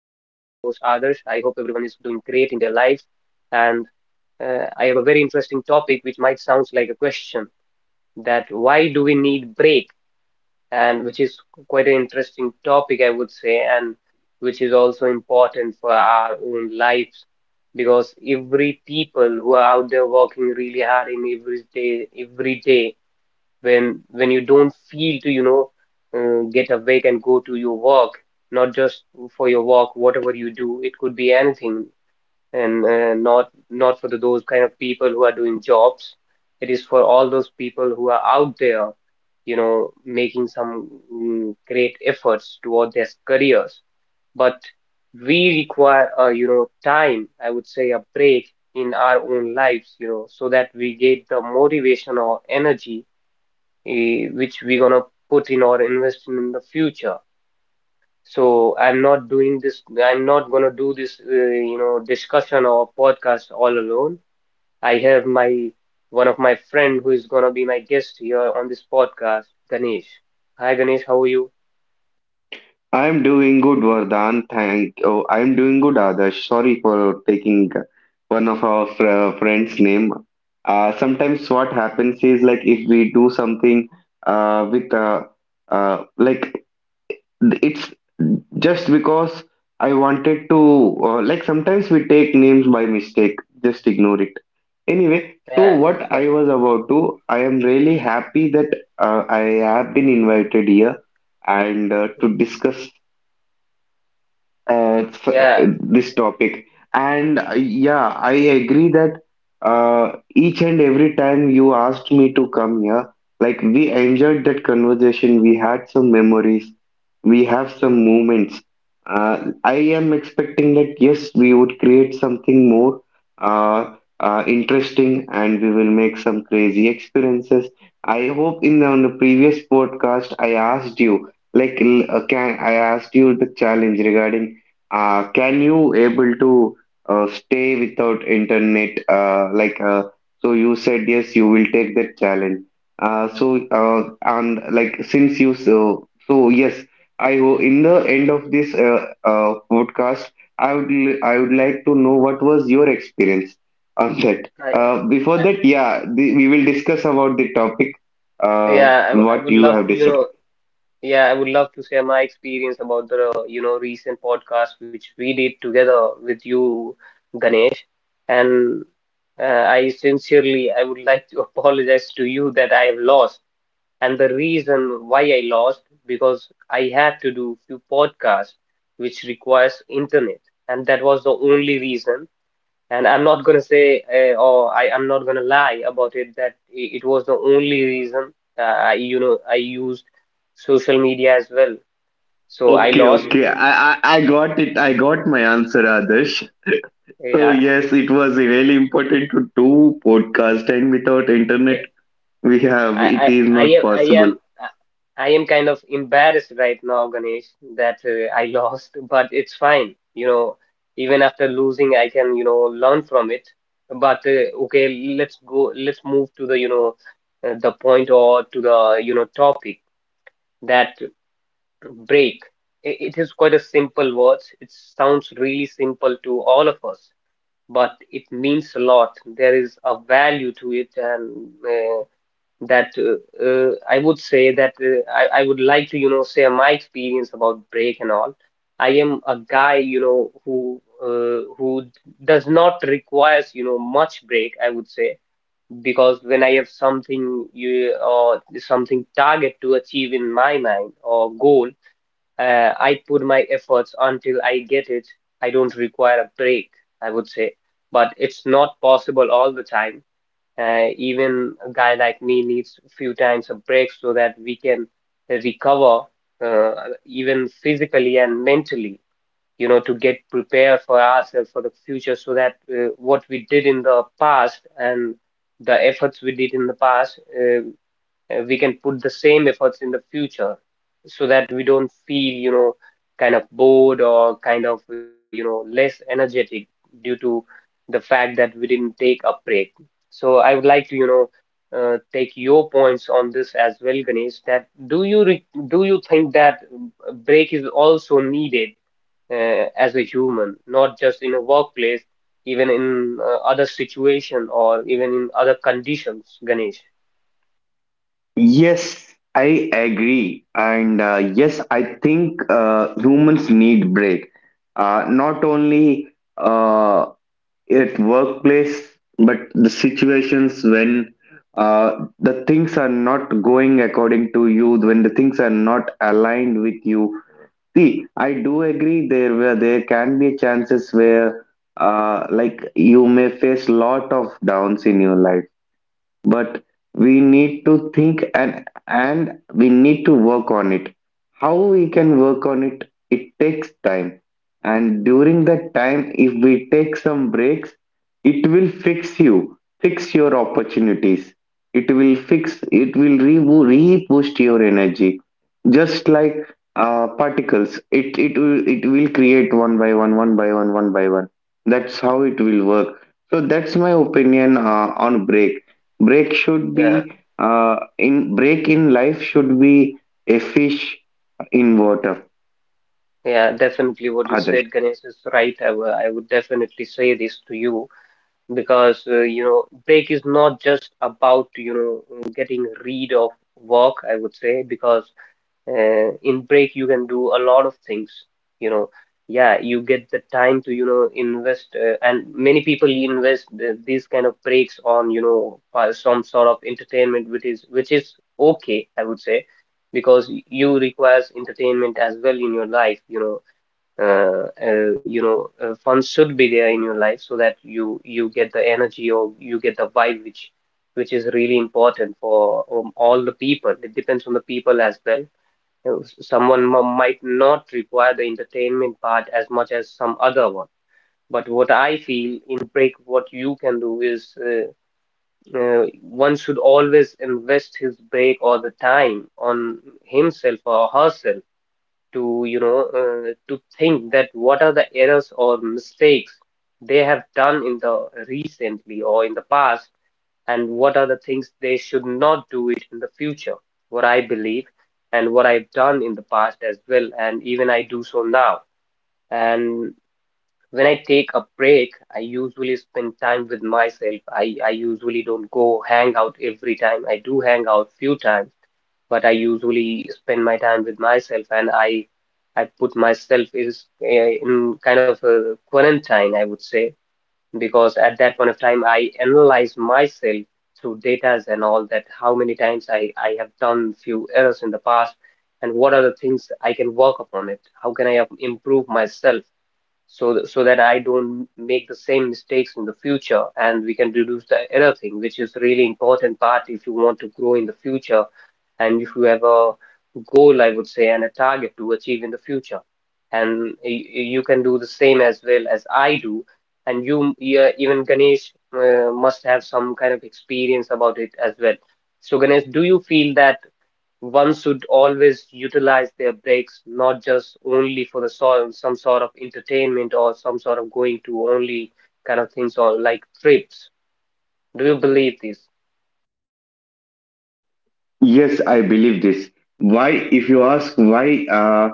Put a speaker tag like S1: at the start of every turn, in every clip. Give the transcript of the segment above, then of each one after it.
S1: in their lives and I have a very interesting topic which might sounds like a question that why do we need break and which is quite an interesting topic I would say and which is also important for our own lives because every people who are out there working really hard in every day when you don't feel to get awake and go to your work not just for your work whatever you do it could be anything and not for those kind of people who are doing jobs. It is for all those people who are out there, you know, making some great efforts toward their careers. But we require a, you know, time I would say a break in our own lives, you know, so that we get the motivation or energy which we gonna put in or invest in the future. So I'm not doing this, I'm not gonna do this, discussion or podcast all alone. I have my One of my friend who is gonna be my guest here on this podcast, Ganesh. Hi Ganesh, how are you?
S2: I'm doing good, Vardhan. Thank. Oh, I'm doing good, Adarsh. Sorry for taking one of our friend's name. Sometimes what happens is like if we do something with like it's just because I wanted to, like sometimes we take names by mistake. Just ignore it. Anyway, so
S1: Yeah, it's
S2: what
S1: fine.
S2: I was about to, I am really happy that I have been invited here, and to discuss
S1: Yeah,
S2: this topic. And Yeah, I agree that each and every time you asked me to come here, like we enjoyed that conversation, we had some memories, we have some moments. I am expecting that yes, we would create something more uh, interesting, and we will make some crazy experiences. I hope in the, on the previous podcast I asked you like, can I asked you the challenge regarding can you able to stay without internet? So, you said yes, you will take that challenge. And like since you yes, in the end of this podcast, I would like to know what was your experience on that.
S1: I,
S2: Before
S1: I
S2: that, yeah, we will discuss about the topic.
S1: I
S2: What
S1: would
S2: you
S1: love
S2: have
S1: to, you
S2: decided.
S1: know, yeah, I would love to share my experience about the, recent podcast which we did together with you, Ganesh. And I sincerely, I would like to apologize to you that I have lost. And the reason why I lost, because I had to do few podcasts which requires internet. And that was the only reason. And I'm not gonna say, or I am not gonna lie about it that it was the only reason. I, you know, I used social media as well. So I
S2: Okay,
S1: lost.
S2: okay. I got it. I got my answer, Adarsh. So
S1: Yeah,
S2: yes, it was really important to do podcast, and without internet,
S1: eh,
S2: we have
S1: I,
S2: it is
S1: I, I
S2: not
S1: am, I
S2: possible.
S1: am, I I am kind of embarrassed right now, Ganesh, that I lost. But it's fine. You know, even after losing, I can, you know, learn from it. But okay, let's go. Let's move to the, you know, the point or to the, you know, topic that. Break. I- It is quite a simple word. It sounds really simple to all of us, but it means a lot. There is a value to it, and uh, that I would say that I would like to, you know, share my experience about break and all. I am a guy, you know, who does not requires, you know, much break, I would say, because when I have something you or something target to achieve in my mind or goal. I put my efforts until I get it. I don't require a break, I would say. But it's not possible all the time. Even a guy like me needs a few times a break so that we can recover, uh, even physically and mentally, you know, to get prepared for ourselves for the future so that what we did in the past and the efforts we did in the past, we can put the same efforts in the future so that we don't feel, you know, kind of bored or kind of, you know, less energetic due to the fact that we didn't take a break. So I would like to, you know, take your points on this as well, Ganesh, that do you think that a break is also needed as a human, not just in a workplace, even in other situation or even in other conditions, Ganesh?
S2: Yes, I agree. And Yes, I think humans need break. Not only uh, at workplace, but the situations when the things are not going according to you, when the things are not aligned with you. See, I do agree there where there can be chances where like you may face lot of downs in your life, but we need to think, and we need to work on it, how we can work on it. It takes time, and during that time if we take some breaks, it will fix you, fix your opportunities, it will fix, it will re re-boost your energy, just like particles. It will, it will create one by one, one by one, one by one. That's how it will work. So that's my opinion on break. Break should
S1: Yeah.
S2: be in break, in life should be a fish in water.
S1: Yeah, definitely. What you
S2: Other.
S1: said, Ganesh, is right. I would definitely say this to you because you know, break is not just about, you know, getting rid of work. I would say because in break you can do a lot of things. You know, yeah, you get the time to, you know, invest, and many people invest these kind of breaks on, you know, some sort of entertainment, which is, okay, I would say, because you requires entertainment as well in your life. Fun should be there in your life so that you get the energy or you get the vibe which is really important for all the people. It depends on the people as well. You know, someone might not require the entertainment part as much as some other one, but what I feel in break what you can do is, one should always invest his break or the time on himself or herself to, you know, to think that what are the errors or mistakes they have done in the recently or in the past, and what are the things they should not do it in the future. What I believe, and what I've done in the past as well, and even I do so now. And when I take a break, I usually spend time with myself. I usually don't go hang out every time. I do hang out few times, but I usually spend my time with myself, and I put myself is in kind of a quarantine, I would say, because at that point of time I analyze myself through datas and all that, how many times I have done few errors in the past, and what are the things I can work upon it, how can I improve myself so that I don't make the same mistakes in the future and we can reduce the error thing, which is really important part if you want to grow in the future and if you have a goal, I would say, and a target to achieve in the future. And you can do the same as well as I do. And you, yeah, even Ganesh, must have some kind of experience about it as well. So, Ganesh, do you feel that one should always utilize their breaks, not just only for the sort some sort of entertainment or some sort of going to only kind of things or like trips. Do you believe this?
S2: Yes, I believe this. Why, if you ask why,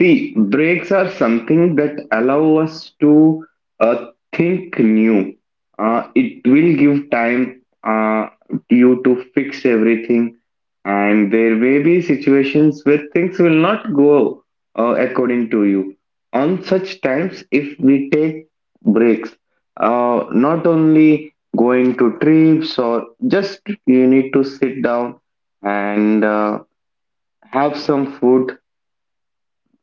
S2: see, breaks are something that allow us to uh, think new. It will give time to you to fix everything, and there may be situations where things will not go according to you. On such times, if we take breaks, not only going to trips, or just you need to sit down and have some food.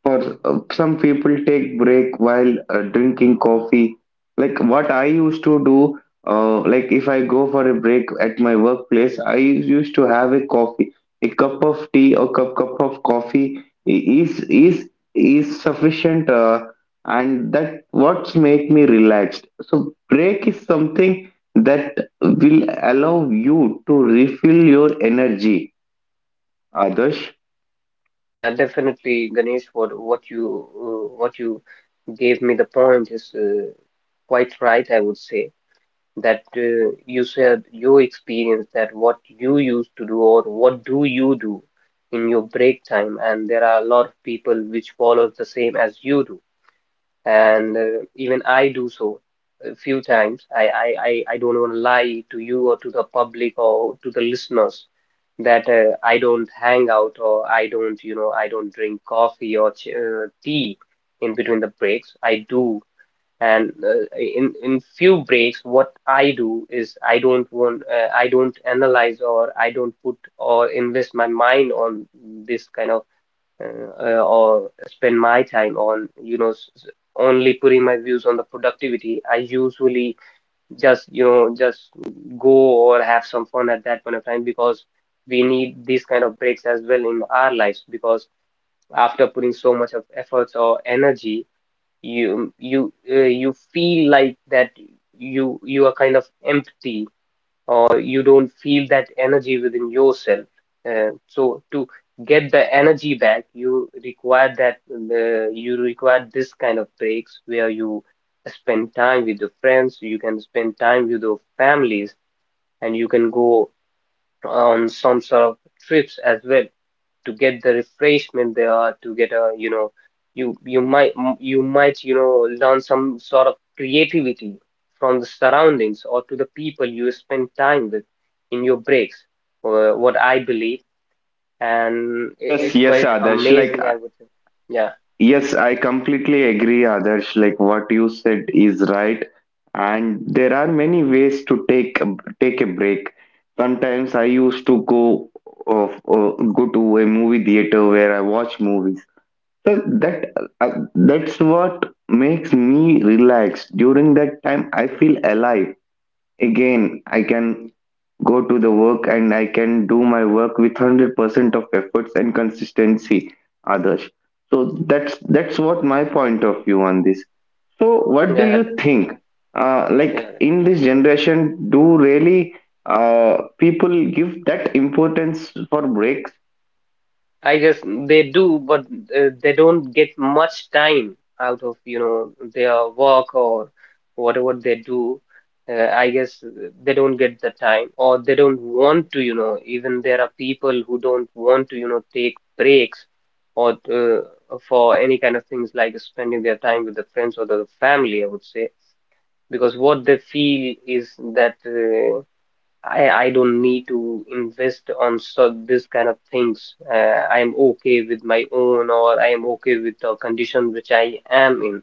S2: For some people, take break while drinking coffee. Like what I used to do, like if I go for a break at my workplace, I used to have a coffee. A cup of tea or cup of coffee i- is is is sufficient, and that what's make me relaxed. So break is something that will allow you to refill your energy. Others.
S1: Yeah, definitely, Ganesh. What you gave me the point is quite right. I would say that you said your experience that what you used to do or what do you do in your break time, and there are a lot of people which follow the same as you do, and even I do so a few times. I don't want to lie to you or to the public or to the listeners that I don't hang out or I don't, you know, I don't drink coffee or ch tea in between the breaks. I do. And in few breaks, what I do is I don't analyze or I don't put or invest my mind on this kind of uh, or spend my time on, you know, only putting my views on the productivity. I usually just, you know, just go or have some fun at that point of time, because we need these kind of breaks as well in our lives, because after putting so much of efforts or energy, you feel like that you are kind of empty or you don't feel that energy within yourself. And so to get the energy back, you require that, you require this kind of breaks where you spend time with your friends, you can spend time with your families, and you can go on some sort of trips as well to get the refreshment they are, to get a, you know, you might you might, you know, learn some sort of creativity from the surroundings or to the people you spend time with in your breaks, what I believe, and
S2: Yes,
S1: it's
S2: yes,
S1: quite
S2: Adarsh. Like,
S1: amazing, I would say. Yeah,
S2: yes, I completely agree, Adarsh. Like, what you said is right, and there are many ways to take a break. Sometimes I used to of uh, go to a movie theater where I watch movies. So that that's what makes me relaxed. During that time, I feel alive. Again, I can go to the work, and I can do my work with 100% of efforts and consistency, Others. So that's what my point of view on this. So what do
S1: yeah.
S2: you think?
S1: Yeah,
S2: Like, in this generation, do really people give that importance for breaks?
S1: I guess they do, but they don't get much time out of, you know, their work or whatever they do. I guess they don't get the time or they don't want to, you know, even there are people who don't want to, you know, take breaks or for any kind of things like spending their time with the friends or the family, I would say, because what they feel is that I don't need to invest on so this kind of things. I am okay with my own, or I am okay with the condition which I am in.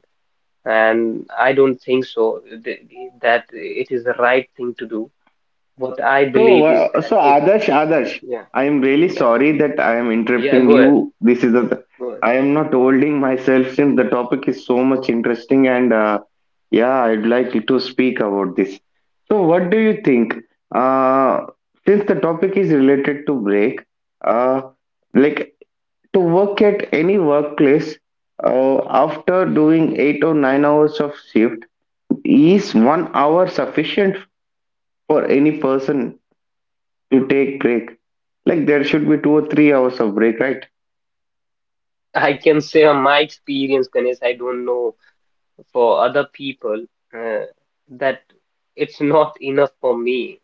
S1: And I don't think so th that it is the right thing to do. What I
S2: So,
S1: believe is that if,
S2: Adarsh,
S1: yeah,
S2: I am really
S1: yeah,
S2: sorry that I am
S1: yeah,
S2: interrupting
S1: go ahead,
S2: you.
S1: go
S2: I am not holding myself since the topic is so much interesting, and yeah, I'd like you to speak about this. So, what do you think? Uh, since the topic is related to break, uh, like, to work at any workplace, after doing 8 or 9 hours of shift, is 1 hour sufficient for any person? To take break. Like, there should be 2 or 3 hours of break, right?
S1: ahead. I can say on my experience, Ganesh. I don't know for other people uh, that it's not enough for me.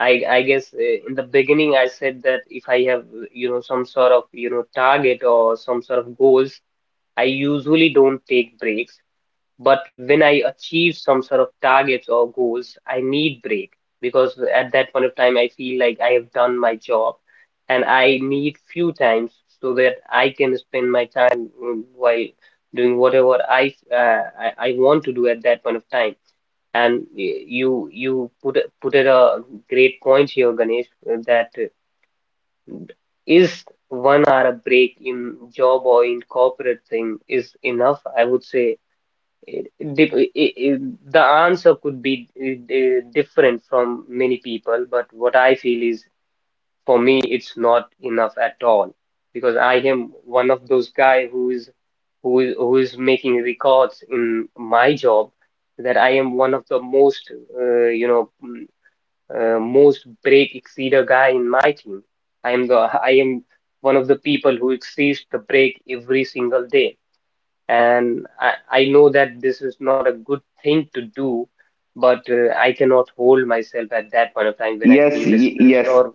S1: I guess in the beginning I said that if I have some sort of target or some sort of goals, I usually don't take breaks. But when I achieve some sort of targets or goals, I need break because at that point of time I feel like I have done my job, and I need few times so that I can spend my time while doing whatever I I want to do at that point of time. And you put it a great point here, Ganesh, that is 1 hour a break in job or in corporate thing is enough. I would say it, it, dep- i- i- i- the answer could be different from many people, but what I feel is for me it's not enough at all because I am one of those guy who is making records in my job, that I am one of the most uh, you know mm, most break exceed a guy in my team. I am one of the people who exceeds the break every single day, and I know that this is not a good thing to do, but I cannot hold myself at that point of time when I
S2: Yes,
S1: feel stressed or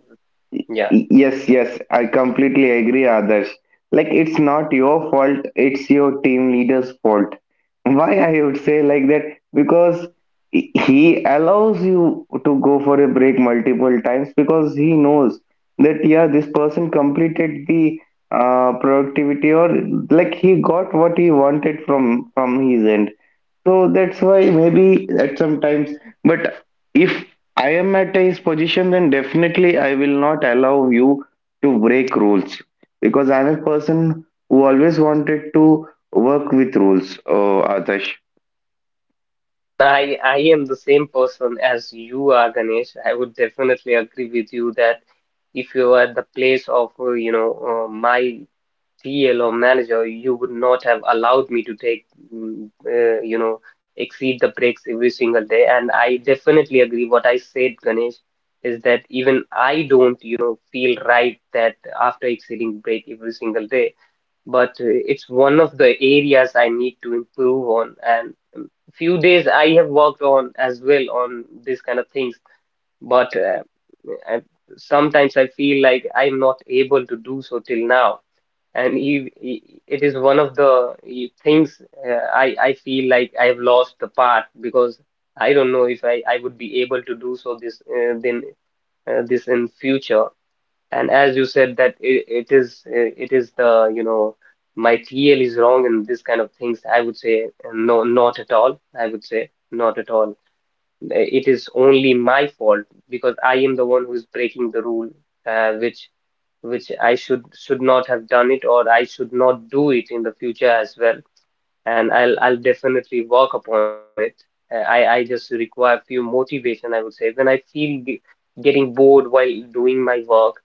S1: yeah.
S2: Yes, yes, I completely agree, Adarsh. Like, it's not your fault, it's your team leader's fault. Why I would say like that? Because he allows you to go for a break multiple times, because he knows that, yeah, this person completed the productivity, or like he got what he wanted from his end. So that's why maybe at some times, but if I am at his position, then definitely I will not allow you to break rules, because I'm a person who always wanted to work with rules, Atash.
S1: Even I am the same person as you are, Ganesh. I would definitely agree with you that if you are at the place of my CLO manager, you would not have allowed me to take, mm, uh, you know, exceed the breaks every single day. And I definitely agree. What I said, Ganesh, is that even I don't, feel right that after exceeding break every single day. But it's one of the areas I need to improve on. And few days I have worked on as well on this kind of things. But I, sometimes I feel like I'm not able to do so till now, and it is one of the things I feel like I've lost the part because I don't know if I would be able to do so this then this in future. And as you said that it is the my TL is wrong in this kind of things. I would say no, not at all. I would say not at all it is only my fault because I am the one who is breaking the rule, uh, which which I should not have done it or I should not do it in the future as well, and I'll definitely work upon it. I just require few motivation, I would say. When I feel getting bored while doing my work,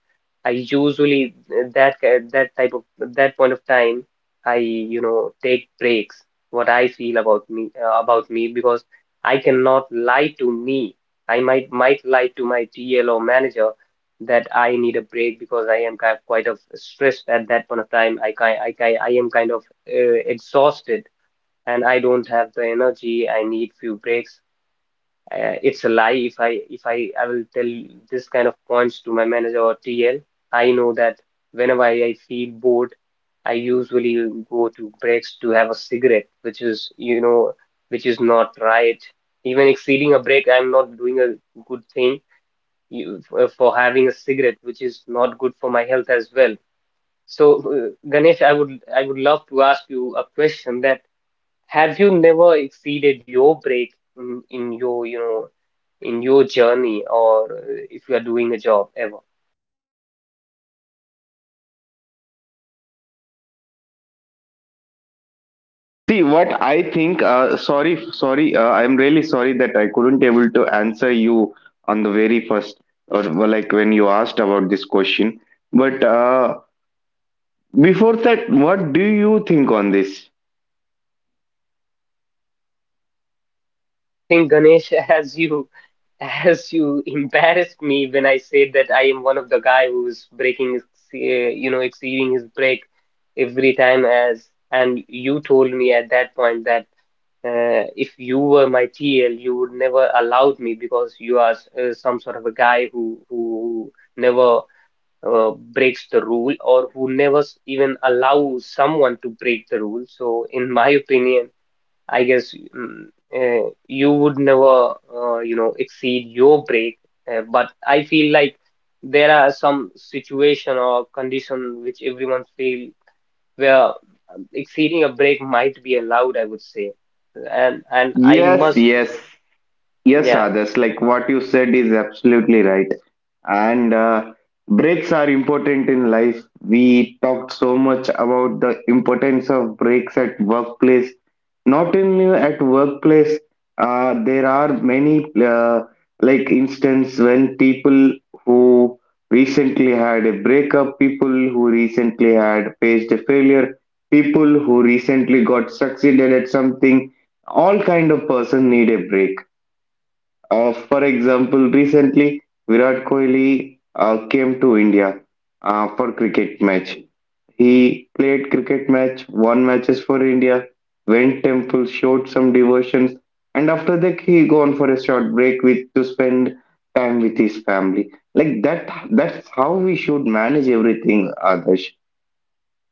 S1: I usually that point of time, I take breaks. What I feel about me about me, because I cannot lie to me. I might lie to my TL or manager that I need a break because I am quite of stressed at that point of time. I am kind of exhausted and I don't have the energy. I need few breaks. It's a lie. If I I will tell this kind of points to my manager or TL. I know that whenever I feel bored, I usually go to breaks to have a cigarette, which is which is not right. Even exceeding a break, I'm not doing a good thing for having a cigarette, which is not good for my health as well. So, Ganesh, I would love to ask you a question, that have you never exceeded your break in your, in your journey, or if you are doing a job ever?
S2: See what I think. Sorry, sorry. I'm really sorry that I couldn't able to answer you on the very first, or well, like when you asked about this question. But before that, what do you think on this?
S1: I think, Ganesh, as you embarrassed me when I said that I am one of the guy who's breaking his, uh, exceeding his break every time. As and you told me at that point that if you were my TL, you would never allowed me because you are some sort of a guy who never breaks the rule, or who never even allows someone to break the rule. So, in my opinion, I guess you would never, exceed your break. But I feel like there are some situation or condition which everyone feel where exceeding a break might be allowed, I would say. And I
S2: Yes,
S1: must,
S2: yes. Yes,
S1: yeah.
S2: Adarsh, like what you said is absolutely right. And Breaks are important in life. We talked so much about the importance of breaks at workplace. Not only at workplace, there are many like instance when people who recently had a breakup, people who recently had faced a failure, people who recently got succeeded at something, all kind of person need a break. For example, recently Virat Kohli came to India for cricket match. He played cricket match, won matches for India, went temple, showed some devotions, and after that he gone for a short break with to spend time with his family. Like that, that's how we should manage everything, Adarsh.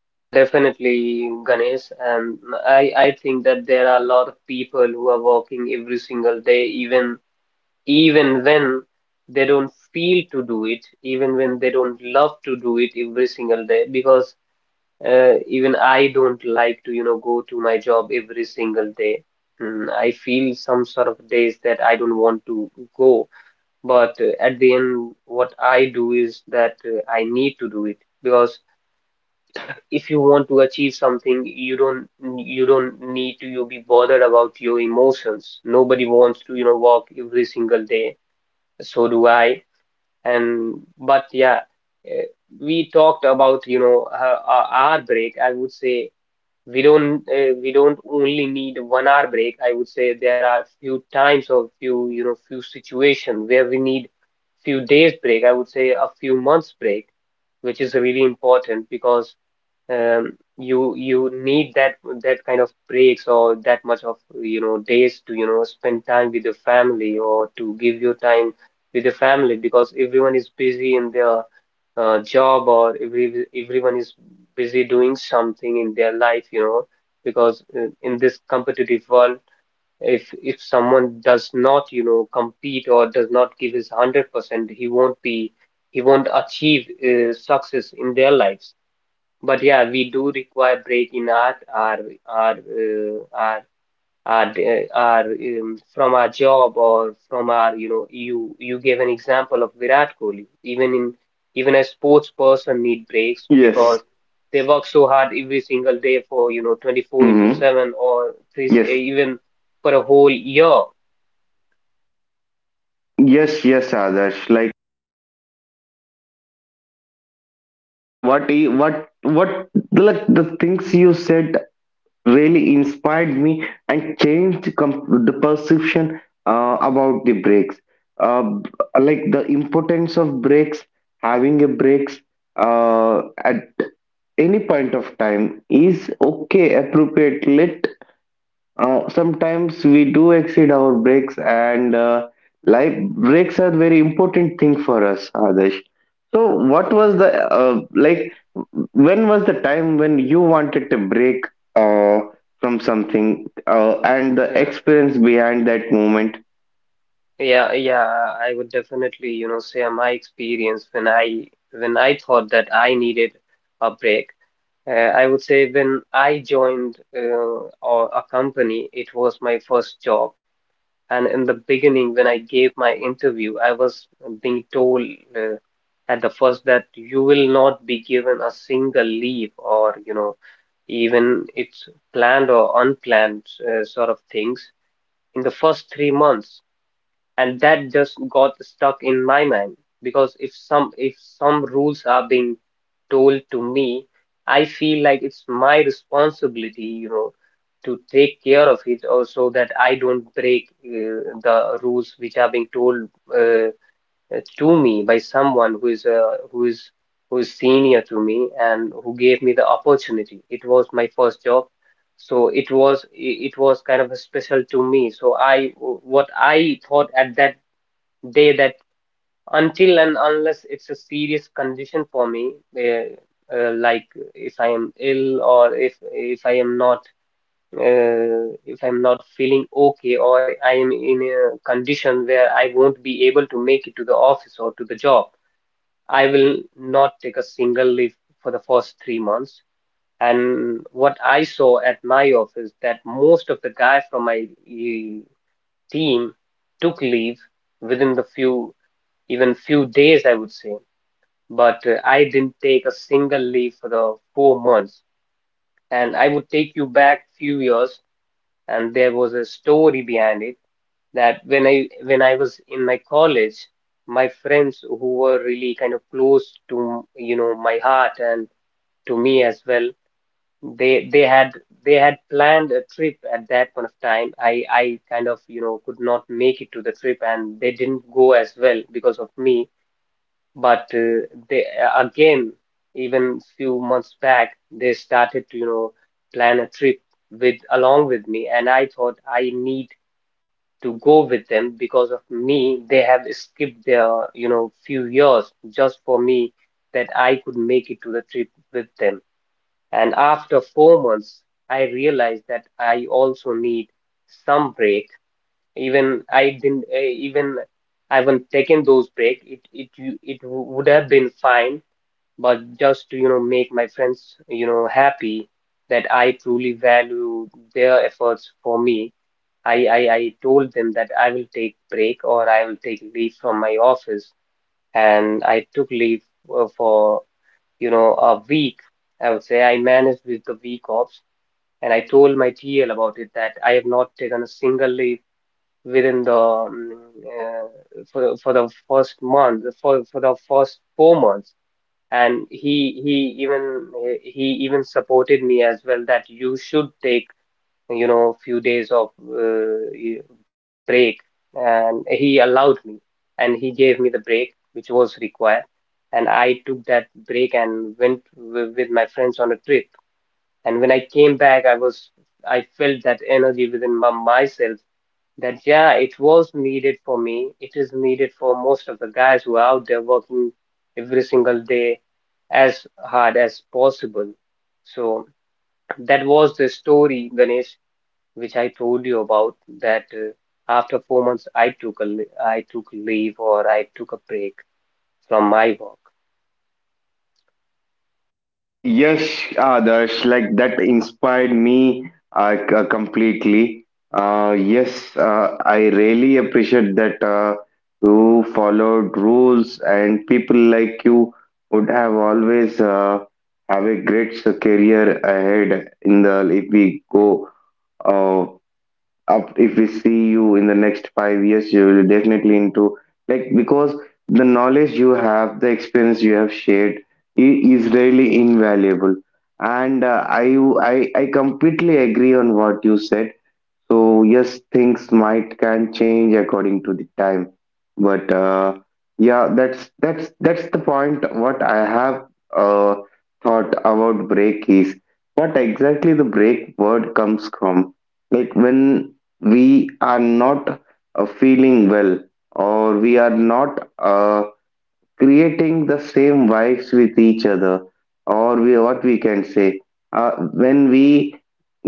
S1: Yeah, definitely, Ganesh. And I think that there are a lot of people who are working every single day, even even when they don't feel to do it, even when they don't love to do it every single day, because even I don't like to, go to my job every single day. I feel some sort of days that I don't want to go, but at the end, what I do is that I need to do it because if you want to achieve something, you don't need to you be bothered about your emotions. Nobody wants to, walk every single day. So do I. And but yeah, eh, we talked about, our break. I would say we don't only need 1 hour break. I would say there are few times or few, few situations where we need few days break. I would say a few months break, which is really important because you need that that kind of breaks or that much of days to spend time with your family or to give your time with your family because everyone is busy in their job, or everyone is busy doing something in their life, because in this competitive world, if someone does not compete or does not give his 100%, he won't be he won't achieve success in their lives. But yeah, we do require break in our uh, our our from our job, or from our you gave an example of Virat Kohli. Even in even a sports person need breaks
S2: Yes.
S1: because they work so hard every single day for 24 into
S2: Hmm.
S1: 7 or three,
S2: Yes.
S1: even for a whole year.
S2: Yes. Yes, Adarsh. Like, what? What? What? What? Like, the things you said really inspired me and changed the perception about the breaks, uh, b- like the importance of breaks, having a breaks at any point of time is okay, appropriate. Let, sometimes we do exceed our breaks, and life breaks are very important thing for us, Adesh. So, what was the When was the time when you wanted to break uh, from something, and the
S1: Yeah,
S2: experience behind that moment?
S1: yeah, yeah. I would definitely, share my experience when I thought that I needed a break. I would say when I joined or a company, it was my first job. And in the beginning, when I gave my interview, I was being told uh, at the first, that you will not be given a single leave, or, even it's planned or unplanned sort of things, in the first 3 months, and that just got stuck in my mind because if some rules are being told to me, I feel like it's my responsibility, to take care of it, or so that I don't break the rules which are being told uh, to me by someone who is senior to me and who gave me the opportunity. It was my first job, so it was kind of a special to me. So I, what I thought at that Day, that until and unless it's a serious condition for me, like if I am ill, or if I am not if I'm not feeling okay, or I am in a condition where I won't be able to make it to the office or to the job, I will not take a single leave for the first 3 months. And what I saw at my office, that most of the guys from my team took leave within the few, even few days, I would say. But I didn't take a single leave for the 4 months. And I would take you back few years, and there was a story behind it, that when I was in my college, my friends who were really kind of close to, my heart and to me as well, they they had they had planned a trip at that point of time. I kind of, you know, could not make it to the trip, and they didn't go as well because of me. But uh, they again, even few months back, they started to, you know, plan a trip with along with me, and I thought I need to go with them. Because of me, they have skipped their, you know, few years just for me, that I could make it to the trip with them. And after 4 months, I realized that I also need some break. Even I haven't taken those break, it would have been fine, but just to, you know, make my friends, you know, happy, that I truly value their efforts for me. I told them that I will take break, or I will take leave from my office, and I took leave for, you know, a week. I would say I managed with the week offs, and I told my TL about it, that I have not taken a single leave within the for the first month, for the first 4 months. And he even supported me as well, that you should take, you know, few days of break, and he allowed me, and he gave me the break which was required. And I took that break and went w with my friends on a trip, and when I came back, I was I felt that energy within myself, that yeah, it was needed for me. It is needed for most of the guys who are out there working every single day as hard as possible. So that was the story, Ganesh, which I told you about, that after 4 months, I took leave, or I took a break from my work.
S2: Yes, Adarsh, like that inspired me completely. Yes, I really appreciate that you followed rules, and people like you would have always have a great career ahead in the if we go. Uh, Up, if we see you in the next 5 years, you will definitely into, like, because the knowledge you have, the experience you have shared is really invaluable, and I completely agree on what you said. So yes, things might can change according to the time, but yeah, that's the point. What I have uh, thought about break is what exactly the break word comes from. Like, when we are not feeling well, or we are not creating the same vibes with each other, or we what we can say uh, when we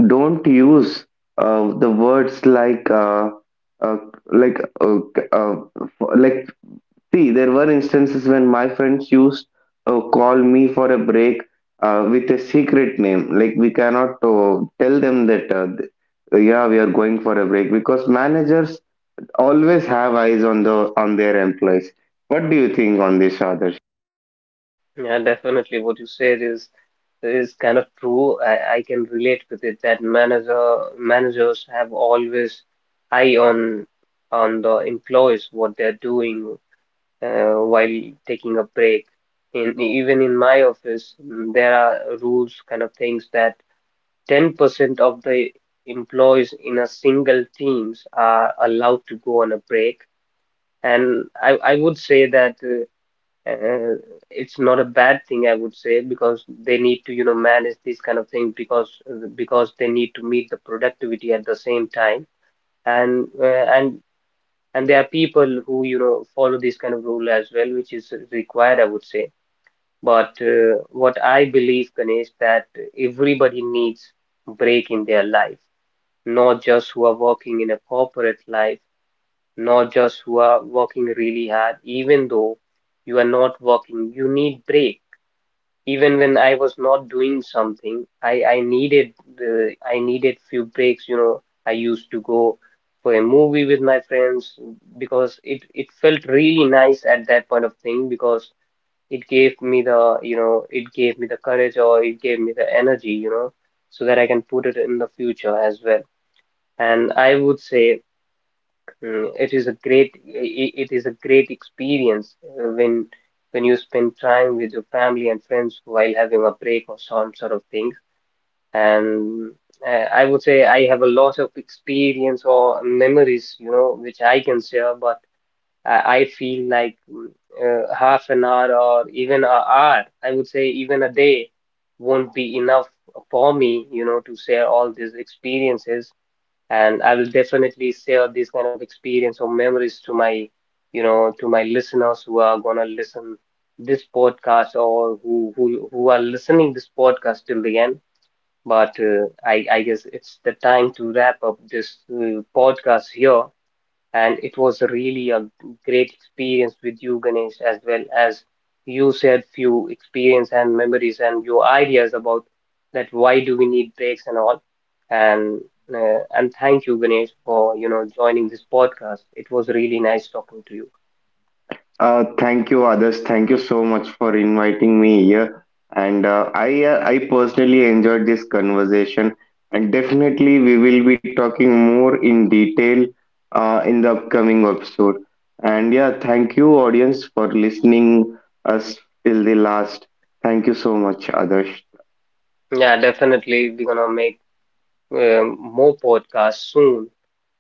S2: don't use the words uh, like uh, uh, like see, there were instances when my friends used, call me for a break with a secret name, like we cannot tell them that, yeah, we are going for a break, because managers always have eyes on the on their employees. What do you think on this, Adarsh?
S1: Yeah, definitely what you said is kind of true. I can relate with it, that managers have always eye on the employees, what they're doing while taking a break. In my office, mm, there are rules kind of things, that 10% of the employees in a single teams are allowed to go on a break. And I would say that uh, it's not a bad thing, I would say, because they need to, you know, manage this kind of thing, because they need to meet the productivity at the same time. And uh, and and there are people who, you know, follow this kind of rule as well, which is required, I would say. But what I believe, Ganesh, that everybody needs break in their life. Not just who are working in a corporate life, not just who are working really hard. Even though you are not working, you need break. Even when I was not doing something, I needed few breaks, you know. I used to go for a movie with my friends, because it felt really nice at that point of thing, because it gave me the, you know, it gave me the courage, or it gave me the energy, you know, so that I can put it in the future as well. And I would say, mm, it is a great experience when you spend time with your family and friends while having a break or some sort of thing. And I would say I have a lot of experience or memories, you know, which I can share, but I feel like, mm, half an hour or even an hour, I would say even a day won't be enough for me, you know, to share all these experiences. And I will definitely share this kind of experience or memories to my, you know, to my listeners who are gonna listen this podcast, or who are listening this podcast till the end. But I guess it's the time to wrap up this podcast here. And it was really a great experience with you, Ganesh, as well as you said few experience and memories and your ideas about that why do we need breaks and all. And and thank you, Ganesh, for, you know, joining this podcast. It was really nice talking to you.
S2: Thank you, Adas. Thank you so much for inviting me here. And I personally enjoyed this conversation. And definitely, we will be talking more in detail in the upcoming episode. And yeah, thank you, audience, for listening us till the last. Thank you so much, Adarsh.
S1: Yeah, definitely we're gonna make more podcasts soon.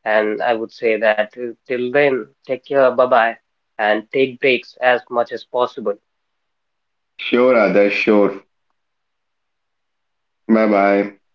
S1: And I would say that, till then, take care, bye bye, and take breaks as much as possible.
S2: Sure, Adarsh. Sure. Bye bye.